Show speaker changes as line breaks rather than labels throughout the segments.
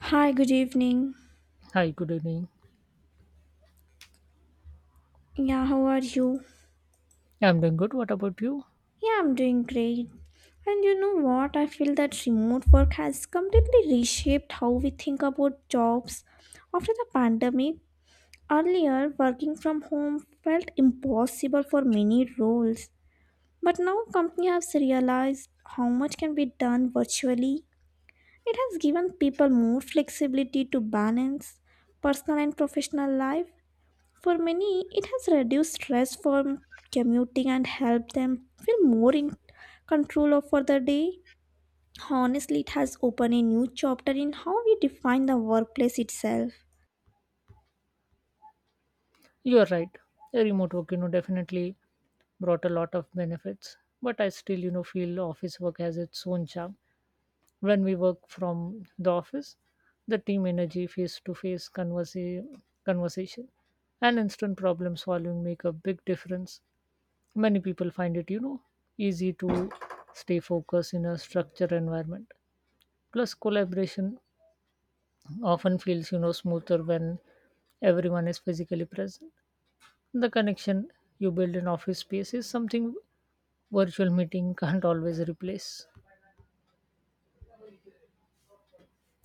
Hi, good evening.
Hi, good evening.
Yeah, how are you?
I'm doing good. What about you?
Yeah, I'm doing great. And you know what? I feel that remote work has completely reshaped how we think about jobs. After the pandemic, earlier working from home felt impossible for many roles. But now companies have realized how much can be done virtually. It has given people more flexibility to balance personal and professional life. For many, it has reduced stress from commuting and helped them feel more in control of for the day. Honestly, it has opened a new chapter in how we define the workplace itself.
You're right. Remote work, definitely brought a lot of benefits. But I still, feel office work has its own charm. When we work from the office, the team energy, face to face conversation, and instant problem solving make a big difference. Many people find it, easy to stay focused in a structured environment. Plus, collaboration often feels smoother when everyone is physically present. The connection you build in office space is something virtual meeting can't always replace.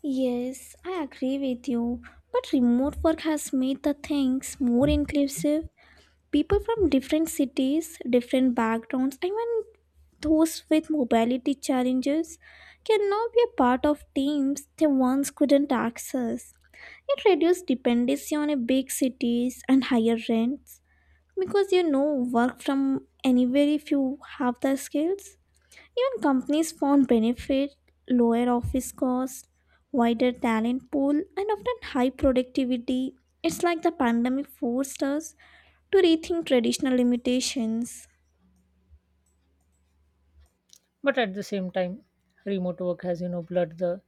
Yes, I agree with you, but remote work has made the things more inclusive. People from different cities, different backgrounds, even those with mobility challenges can now be a part of teams they once couldn't access. It reduces dependency on a big cities and higher rents because you know work from anywhere if you have the skills. Even companies found benefit, lower office costs, wider talent pool, and often high productivity. It's like the pandemic forced us to rethink traditional limitations.
But at the same time, remote work has blurred the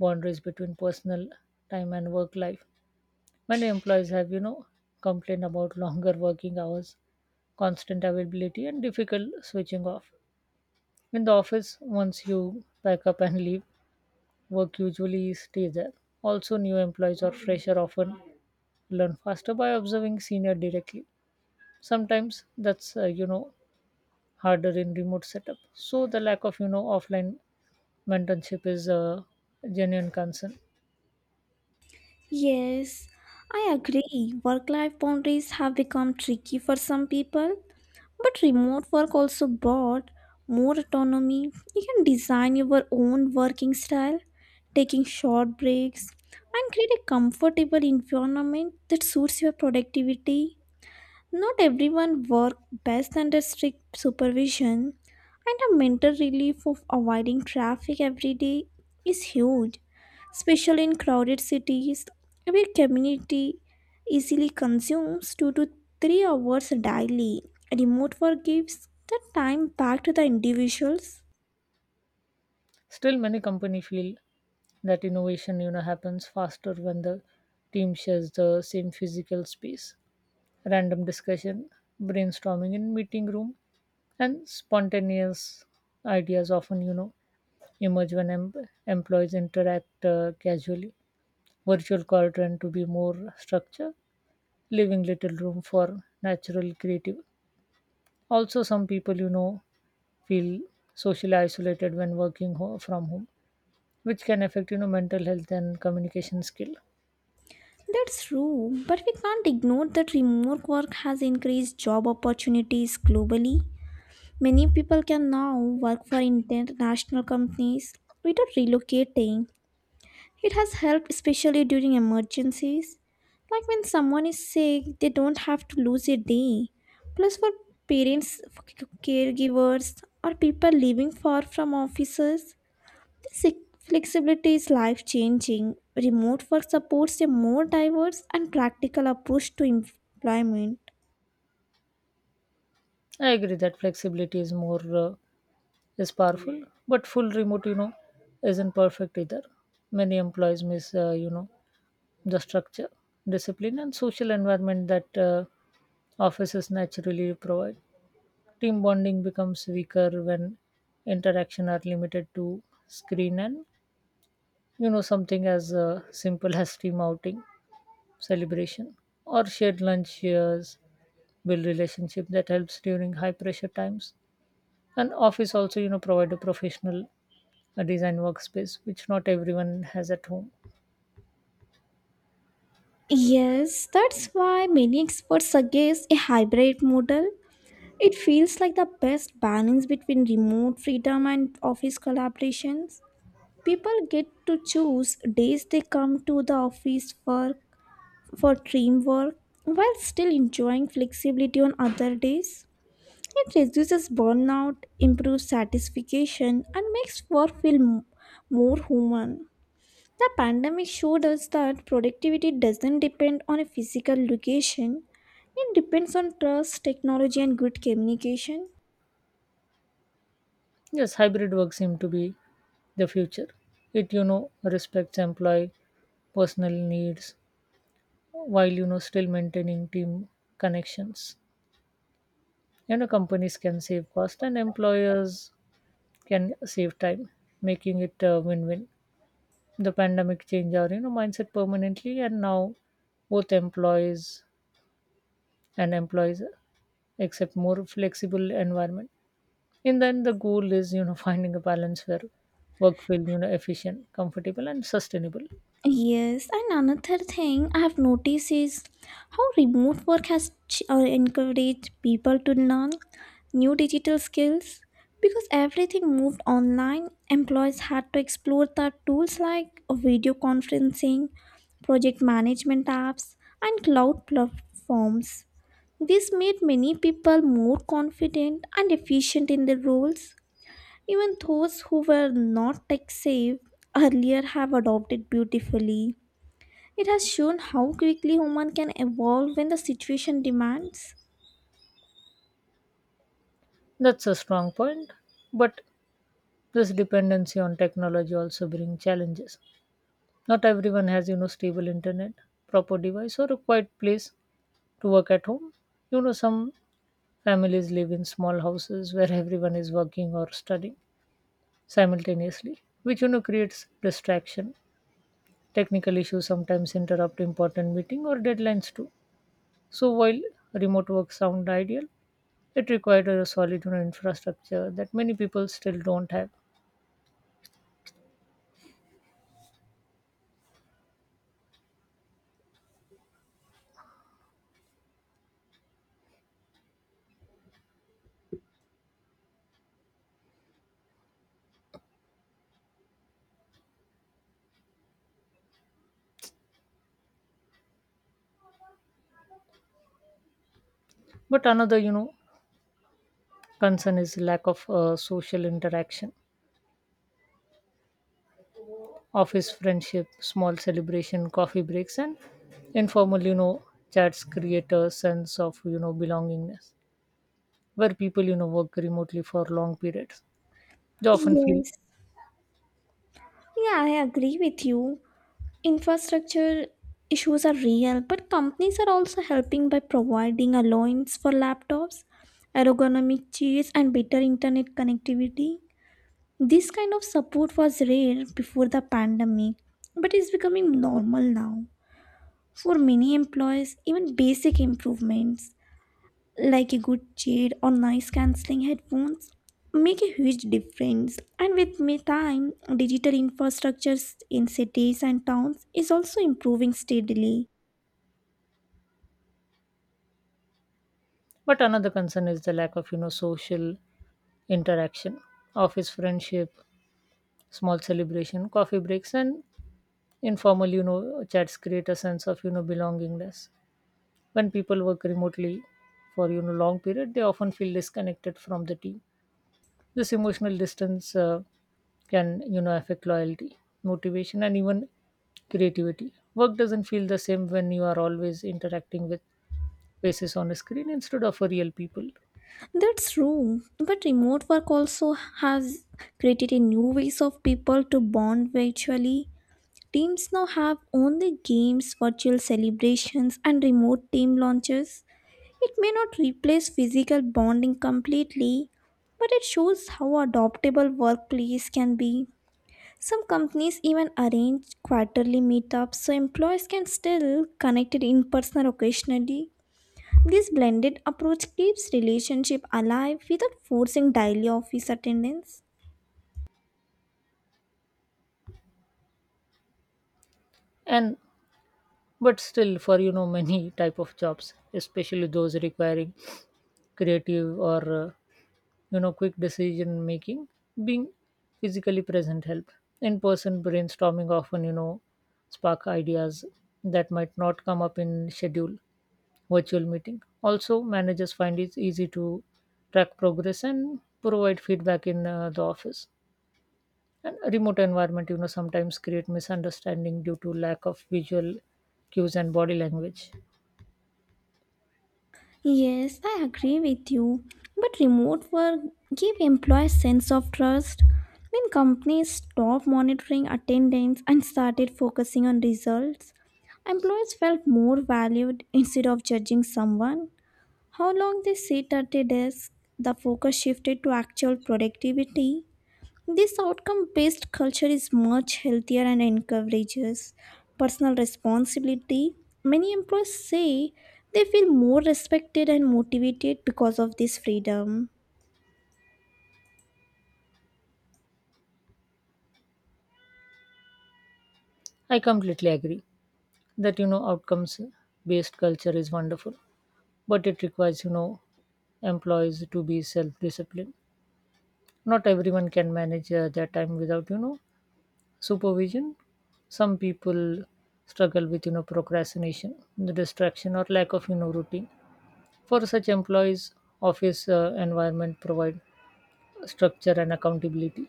boundaries between personal time and work life. Many employees have complained about longer working hours, constant availability, and difficult switching off. In the office, once you pack up and leave, work usually stays there. Also, new employees or fresher often learn faster by observing senior directly. Sometimes that's harder in remote setup. So the lack of offline mentorship is a genuine concern.
Yes, I agree. Work life boundaries have become tricky for some people, but remote work also brought more autonomy. You can design your own working style, taking short breaks, and create a comfortable environment that suits your productivity. Not everyone works best under strict supervision, and the mental relief of avoiding traffic every day is huge, especially in crowded cities where community easily consumes 2 to 3 hours daily. Remote work gives the time back to the individuals.
Still, many company feel that innovation happens faster when the team shares the same physical space. Random discussion, brainstorming in meeting room, and spontaneous ideas often emerge when employees interact casually. Virtual call trend to be more structured, leaving little room for natural creative. Also, some people feel socially isolated when working from home, which can affect mental health and communication skill.
That's true, but we can't ignore that remote work has increased job opportunities globally. Many people can now work for international companies without relocating. It has helped especially during emergencies. Like when someone is sick, they don't have to lose a day. Plus, for parents, for caregivers, or people living far from offices, this flexibility is life changing. Remote work supports a more diverse and practical approach to employment.
I agree that flexibility is more is powerful, but full remote isn't perfect either. Many employees miss the structure, discipline, and social environment that offices naturally provide. Team bonding becomes weaker when interaction are limited to screen, and something as simple as team outing, celebration, or shared lunch shares build relationship that helps during high pressure times. And office also provide a professional design workspace which not everyone has at home.
Yes, that's why many experts suggest a hybrid model. It feels like the best balance between remote freedom and office collaborations. People get to choose days they come to the office for team work while still enjoying flexibility on other days. It reduces burnout, improves satisfaction, and makes work feel more human. The pandemic showed us that productivity doesn't depend on a physical location. It depends on trust, technology, and good communication.
Yes, hybrid work seem to be the future. It respects employee personal needs while still maintaining team connections. Companies can save cost and employers can save time, making it a win-win. The pandemic changed our mindset permanently, and now both employees and employees accept more flexible environment. And then the goal is finding a balance where work will efficient comfortable and sustainable.
Yes, and another thing I have noticed is how remote work has encouraged people to learn new digital skills because everything moved online. Employees had to explore the tools like video conferencing, project management apps, and cloud platforms. This made many people more confident and efficient in their roles. Even those who were not tech savvy earlier have adopted beautifully. It has shown how quickly human can evolve when the situation demands.
That's a strong point, but this dependency on technology also brings challenges. Not everyone has stable internet, proper device, or a quiet place to work at home. Some families live in small houses where everyone is working or studying simultaneously, which creates distraction. Technical issues sometimes interrupt important meeting or deadlines too. So while remote work sounded ideal, it required a solid infrastructure that many people still don't have. But another, concern is lack of social interaction, office friendship, small celebration, coffee breaks, and informal, chats create a sense of belongingness where people work remotely for long periods. They often feel.
Yes. Yeah, I agree with you. Infrastructure issues are real, but companies are also helping by providing allowance for laptops, ergonomic chairs, and better internet connectivity. This kind of support was rare before the pandemic, but is becoming normal now. For many employees, even basic improvements like a good chair or noise cancelling headphones make a huge difference, and with me time digital infrastructures in cities and towns is also improving steadily.
But another concern is the lack of social interaction, office friendship, small celebration, coffee breaks, and informal chats create a sense of belongingness when people work remotely for long period they often feel disconnected from the team. This emotional distance can affect loyalty, motivation, and even creativity. Work doesn't feel the same when you are always interacting with faces on a screen instead of real people.
That's true, but remote work also has created a new ways of people to bond virtually. Teams now have only games, virtual celebrations, and remote team launches. It may not replace physical bonding completely, but it shows how adoptable workplace can be. Some companies even arrange quarterly meetups so employees can still connect in person occasionally. This blended approach keeps relationship alive without forcing daily office attendance.
And but still for many type of jobs, especially those requiring creative or quick decision making, being physically present help in person. Brainstorming often spark ideas that might not come up in schedule virtual meeting. Also managers find it easy to track progress and provide feedback in the office, and remote environment sometimes create misunderstanding due to lack of visual cues and body language.
Yes, I agree with you. But remote work give employees sense of trust. When companies stopped monitoring attendance and started focusing on results, employees felt more valued instead of judging someone. How long they sit at a desk, the focus shifted to actual productivity. This outcome based culture is much healthier and encourages personal responsibility. Many employees say they feel more respected and motivated because of this freedom.
I completely agree that outcomes based culture is wonderful, but it requires employees to be self-disciplined. Not everyone can manage their time without supervision. Some people struggle with procrastination, the distraction, or lack of routine. For such employees, office environment provide structure and accountability.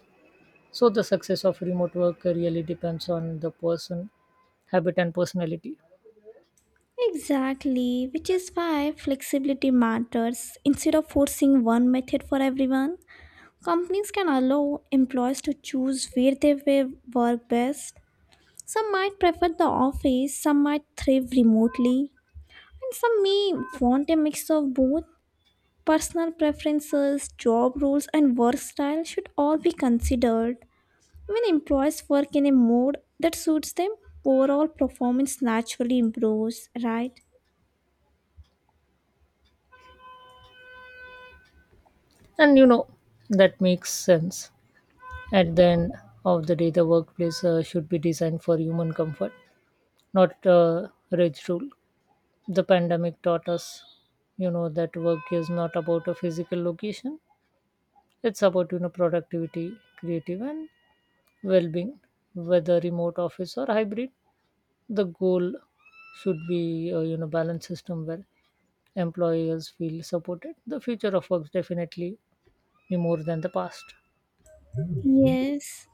So the success of remote work really depends on the person, habit, and personality.
Exactly, which is why flexibility matters. Instead of forcing one method for everyone, companies can allow employees to choose where they will work best. Some might prefer the office, some might thrive remotely, and some may want a mix of both. Personal preferences, job roles, and work style should all be considered. When employees work in a mode that suits them, overall performance naturally improves, right?
And that makes sense. At the end of the day, the workplace should be designed for human comfort, not rigid rule. The pandemic taught us, that work is not about a physical location. It's about productivity, creative, and well-being, whether remote office or hybrid. The goal should be a balanced system where employers feel supported. The future of work definitely be more than the past.
Yes.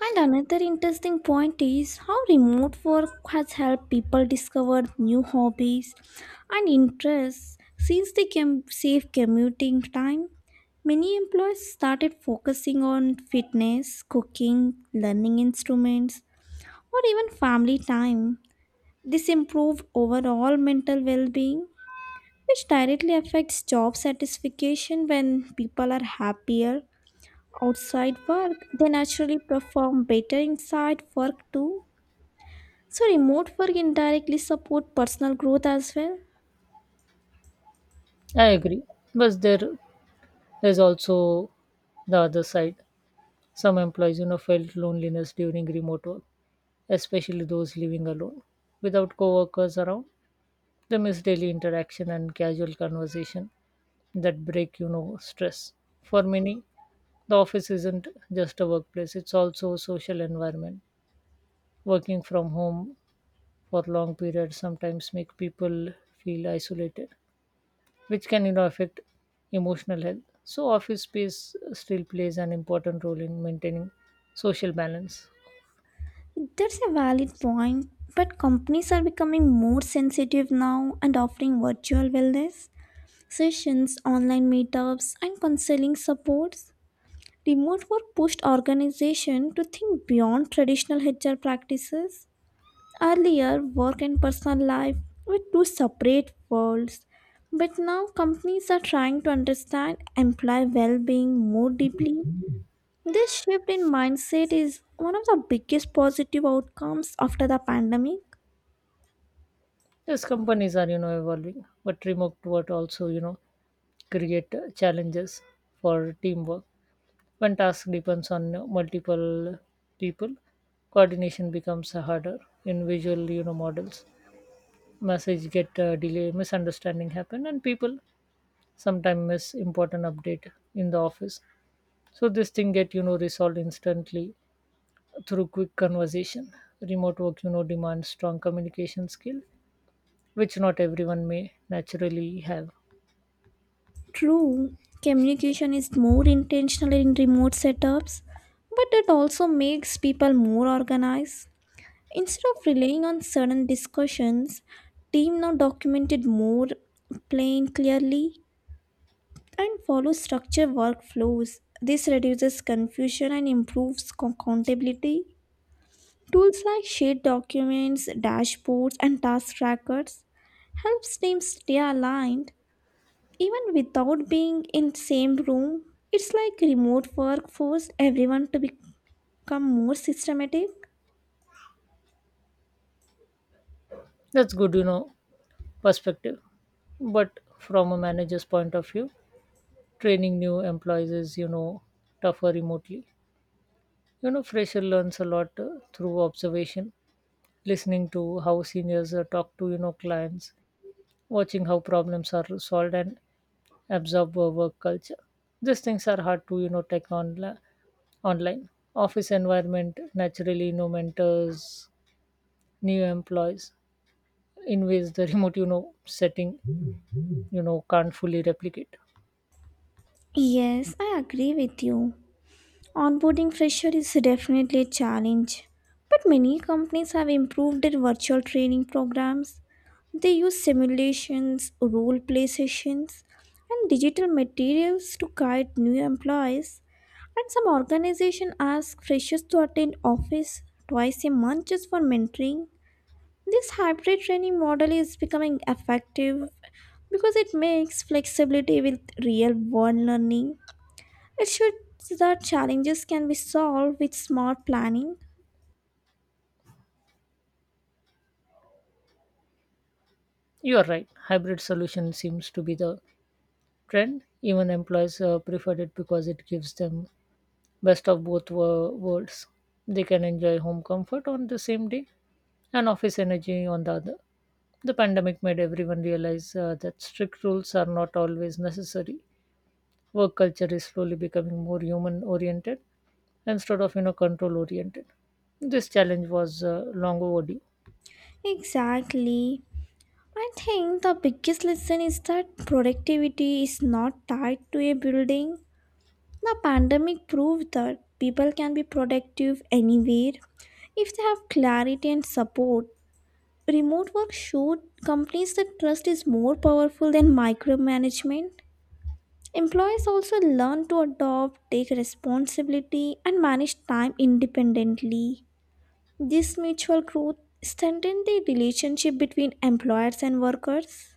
And another interesting point is how remote work has helped people discover new hobbies and interests since they can save commuting time. Many employees started focusing on fitness, cooking, learning instruments, or even family time. This improves overall mental well being, which directly affects job satisfaction. When people are happier outside work, they naturally perform better inside work too. So, remote work indirectly support personal growth as well.
I agree, but There's also the other side. Some employees, felt loneliness during remote work, especially those living alone. Without coworkers around, they miss daily interaction and casual conversation that break, stress. For many, the office isn't just a workplace, it's also a social environment. Working from home for long periods sometimes make people feel isolated, which can affect emotional health. So office space still plays an important role in maintaining social balance.
That's a valid point, but companies are becoming more sensitive now and offering virtual wellness sessions, online meetups, and counseling supports. Remote work pushed organizations to think beyond traditional HR practices. Earlier, work and personal life were two separate worlds, but now companies are trying to understand employee well being more deeply. This shift in mindset is one of the biggest positive outcomes after the pandemic.
Yes, companies are evolving, but remote work also create challenges for teamwork. When task depends on multiple people, coordination becomes harder in visual models. Message get delay, misunderstanding happen, and people sometimes miss important update. In the office, so this thing get resolved instantly through quick conversation. Remote work demands strong communication skill, which not everyone may naturally have.
True, communication is more intentional in remote setups, but it also makes people more organized. Instead of relying on sudden discussions, team now documented more, plan clearly, and follow structured workflows. This reduces confusion and improves accountability. Tools like shared documents, dashboards, and task trackers helps teams stay aligned even without being in same room. It's like remote work forced everyone to become more systematic.
That's good perspective, but from a manager's point of view, training new employees is tougher remotely. Fresher learns a lot through observation, listening to how seniors talk to clients, watching how problems are solved and absorb our work culture. These things are hard to take on online. Office environment naturally mentors new employees in ways the remote setting can't fully replicate.
Yes, I agree with you. Onboarding fresher is definitely a challenge, but many companies have improved their virtual training programs. They use simulations, role play sessions, and digital materials to guide new employees. And some organizations ask freshers to attend office twice a month just for mentoring. This hybrid training model is becoming effective because it makes flexibility with real world learning. It shows that challenges can be solved with smart planning.
You are right. Hybrid solution seems to be the trend. Even employees prefer it because it gives them best of both worlds. They can enjoy home comfort on the same day and office energy on the other. The pandemic made everyone realize that strict rules are not always necessary. Work culture is slowly becoming more human oriented instead of control oriented. This challenge was long overdue.
Exactly. I think the biggest lesson is that productivity is not tied to a building. The pandemic proved that people can be productive anywhere if they have clarity and support. Remote work showed companies that trust is more powerful than micromanagement. Employees also learn to adopt, take responsibility, and manage time independently. This mutual growth strengthens the relationship between employers and workers.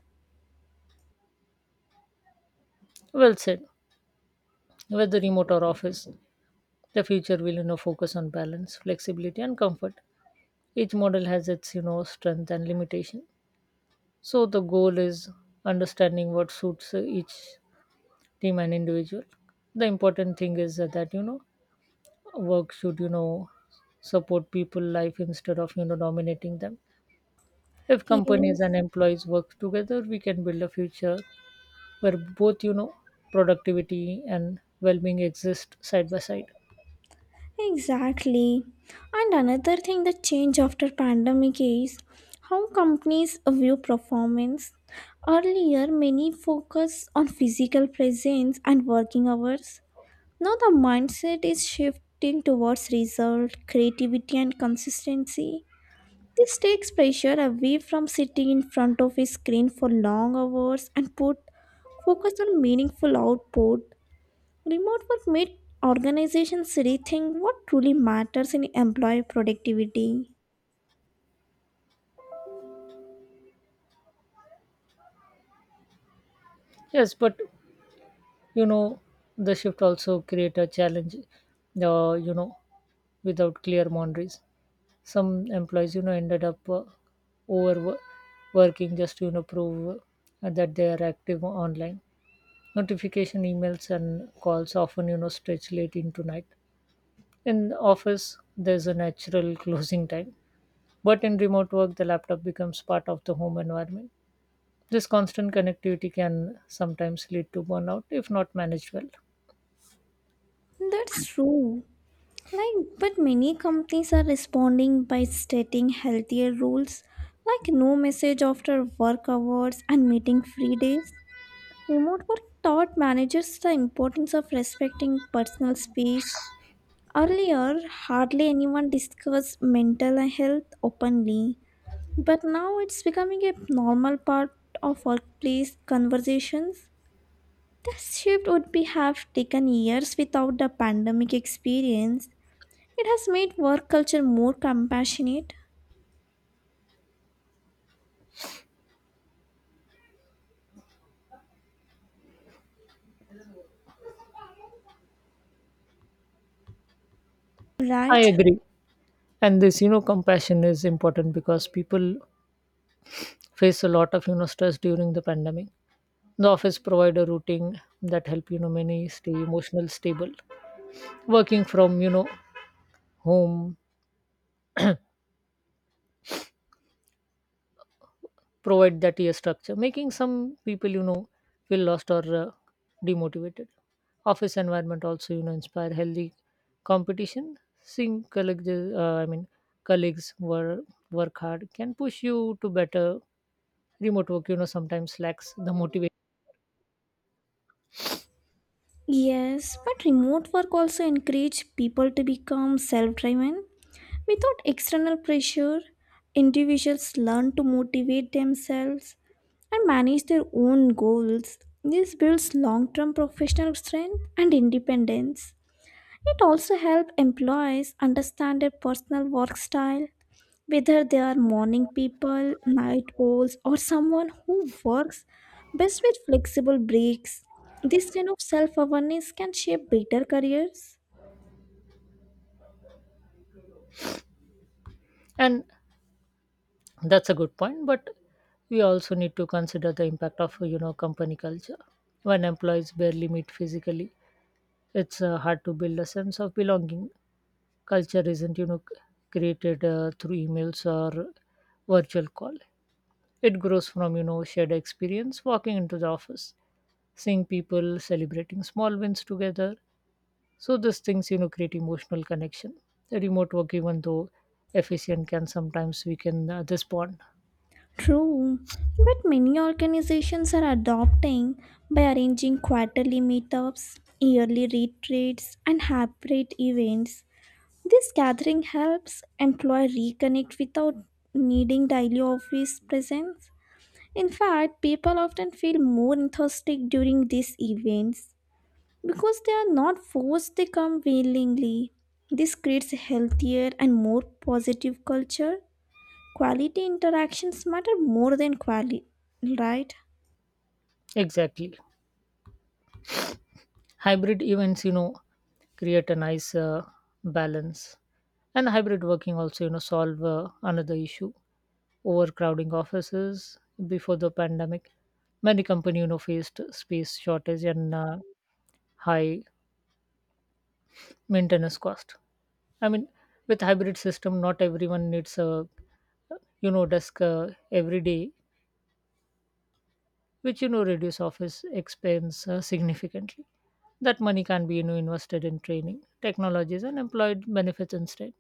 Well said. Whether remote or office, the future will focus on balance, flexibility, and comfort. Each model has its strength and limitation. So the goal is understanding what suits each team and individual. The important thing is that work should support people life instead of dominating them. If companies
Yes,
and employees work together, we can build a future where both productivity and well-being exist side by side.
exactly. And another thing that changed after pandemic is how companies view performance. Earlier, many focus on physical presence and working hours. Now the mindset is shifting towards result, creativity and consistency. This takes pressure away from sitting in front of a screen for long hours and put focus on meaningful output. Remote work made organizations rethink what truly matters in employee productivity.
Yes, but you know the shift also create a challenge without clear boundaries. Some employees ended up overworking just to prove that they are active online. Notification emails and calls often stretch late into night. In office there's a natural closing time, but in remote work the laptop becomes part of the home environment. This constant connectivity can sometimes lead to burnout if not managed well.
That's true. Like, but many companies are responding by stating healthier rules, like no message after work hours and meeting free days. Remote work taught managers the importance of respecting personal space. Earlier, hardly anyone discussed mental health openly, but now it's becoming a normal part of workplace conversations. This shift would be have taken years without the pandemic experience. It has made work culture more compassionate,
I
right?
agree, and this compassion is important because people face a lot of stress during the pandemic. The office provide a routine that help many stay emotional stable. Working from home provide that year structure, making some people, feel lost or demotivated. Office environment also, inspire healthy competition. Seeing colleagues, I mean, colleagues were work hard can push you to better. Remote work, sometimes lacks the motivation,
Yes, but remote work also encouraged people to become self-driven. Without external pressure, individuals learn to motivate themselves and manage their own goals. This builds long term professional strength and independence. It also helps employees understand their personal work style, whether they are morning people, night owls, or someone who works best with flexible breaks. This kind of self awareness can shape better careers.
and that's a good point. But we also need to consider the impact of company culture. When employees barely meet physically, it's hard to build a sense of belonging. Culture isn't created through emails or virtual call. It grows from shared experience, walking into the office, seeing people celebrating small wins together. So these things create emotional connection. The remote work, even though efficient, can sometimes weaken this bond.
True, but many organizations are adopting by arranging quarterly meetups, yearly retreats, and hybrid events. This gathering helps employees reconnect without needing daily office presence. In fact, people often feel more enthusiastic during these events because they are not forced, they come willingly. This creates a healthier and more positive culture. Quality interactions matter more than quality, right?
Exactly. Hybrid events create a nice balance. And hybrid working also solve another issue: overcrowding offices. Before the pandemic, many company faced space shortage and high maintenance cost. I mean, with hybrid system, not everyone needs a desk every day, which reduce office expense significantly. That money can be invested in training technologies and employee benefits instead.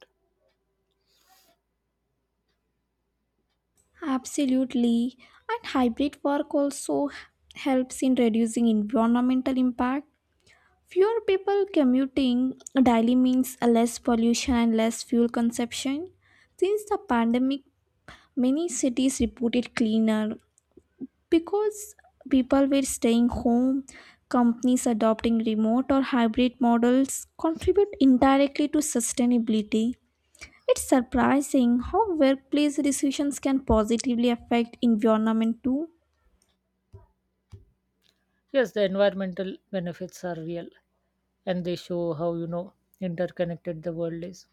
Absolutely. And hybrid work also helps in reducing environmental impact. Fewer people commuting daily means less pollution and less fuel consumption. Since the pandemic, many cities reported cleaner because people were staying home. Companies adopting remote or hybrid models contribute indirectly to sustainability. It's surprising how workplace decisions can positively affect environment too.
Yes, the environmental benefits are real, and they show how interconnected the world is.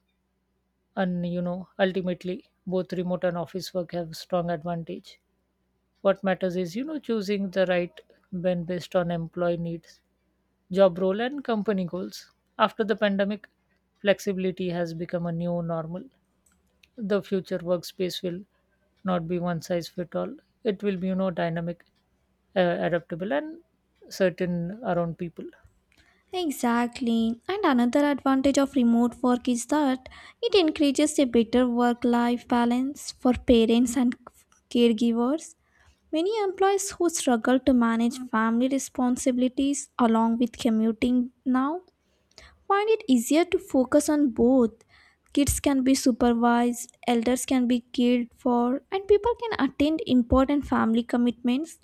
And ultimately, both remote and office work have strong advantage. What matters is choosing the right blend based on employee needs, job role, and company goals. After the pandemic, flexibility has become a new normal. The future workspace will not be one size fit all. It will be dynamic, uh, adaptable, and certain around people.
Exactly. And another advantage of remote work is that it encourages a better work life balance for parents and caregivers. Many employees who struggle to manage family responsibilities along with commuting now find it easier to focus on both. Kids can be supervised, elders can be cared for, and people can attend important family commitments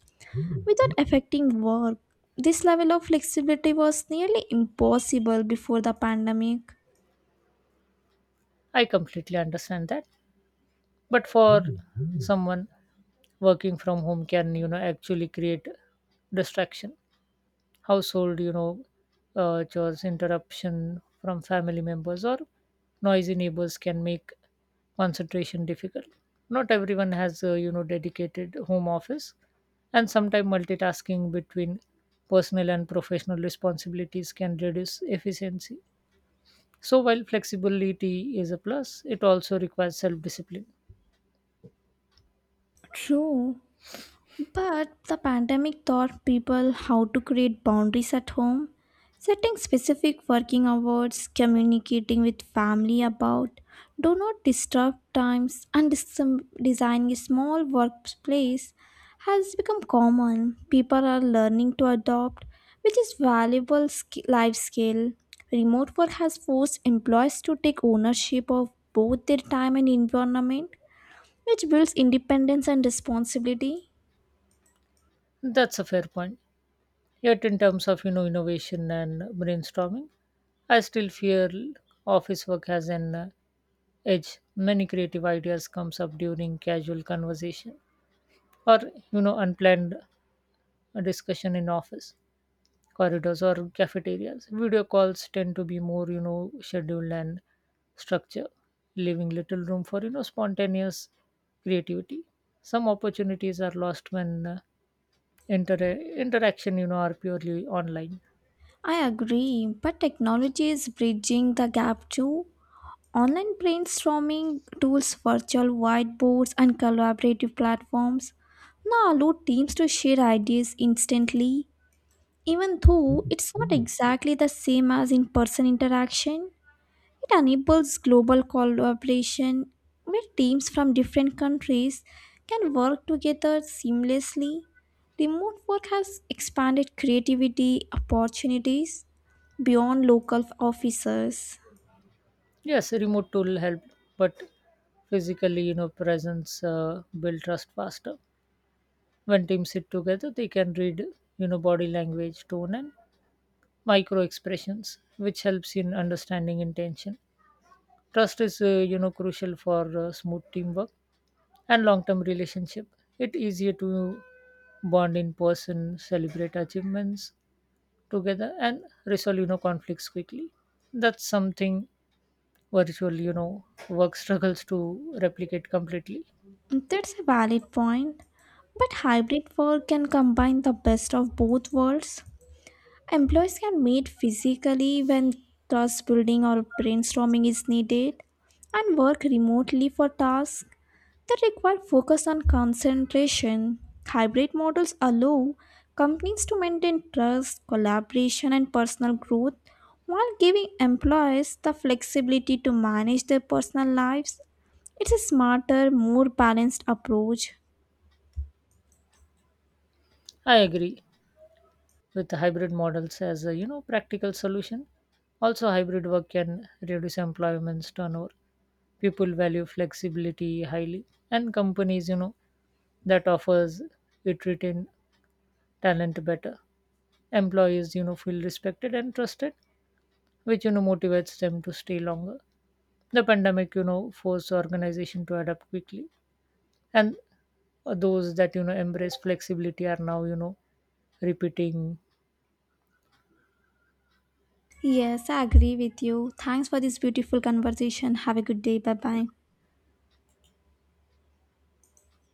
without affecting work. This level of flexibility was nearly impossible before the pandemic.
I completely understand that, but for someone, working from home can actually create distraction. Household chores, interruption from family members or noisy neighbors can make concentration difficult. Not everyone has a dedicated home office, and sometimes multitasking between personal and professional responsibilities can reduce efficiency. So while flexibility is a plus, it also requires self discipline.
True. But the pandemic taught people how to create boundaries at home, setting specific working hours, communicating with family about do not disturb times, and designing a small workplace has become common. People are learning to adopt, which is valuable life skill. Remote work has forced employees to take ownership of both their time and environment, which builds independence and responsibility.
That's a fair point. Yet, in terms of innovation and brainstorming, I still feel office work has an edge. Many creative ideas comes up during casual conversation or unplanned discussion in office corridors or cafeterias. Video calls tend to be more scheduled and structure, leaving little room for spontaneous creativity. Some opportunities are lost when interaction are purely online.
I agree, but technology is bridging the gap too. Online brainstorming tools, virtual whiteboards, and collaborative platforms now allow teams to share ideas instantly. Even though it's not exactly the same as in person interaction, it enables global collaboration where teams from different countries can work together seamlessly. Remote work has expanded creativity opportunities beyond local officers.
Yes, remote tool help, but physically, presence build trust faster. When teams sit together, they can read, body language, tone, and micro expressions, which helps in understanding intention. Trust is, crucial for smooth teamwork and long-term relationship. It easier to bond in person, celebrate achievements together, and resolve, conflicts quickly. That's something virtual work struggles to replicate completely.
That's a valid point. But hybrid work can combine the best of both worlds. Employees can meet physically when trust building or brainstorming is needed, and work remotely for tasks that require focus on concentration. Hybrid models allow companies to maintain trust, collaboration, and personal growth while giving employees the flexibility to manage their personal lives. It's a smarter, more balanced approach.
I agree with the hybrid models as a practical solution. Also hybrid work can reduce employment's turnover. People value flexibility highly, and companies that offers it retain talent better. Employees feel respected and trusted, which motivates them to stay longer. The pandemic forced organization to adapt quickly, and those that embrace flexibility are now repeating
Yes, I agree with you. Thanks for this beautiful conversation. Have a good day. Bye bye.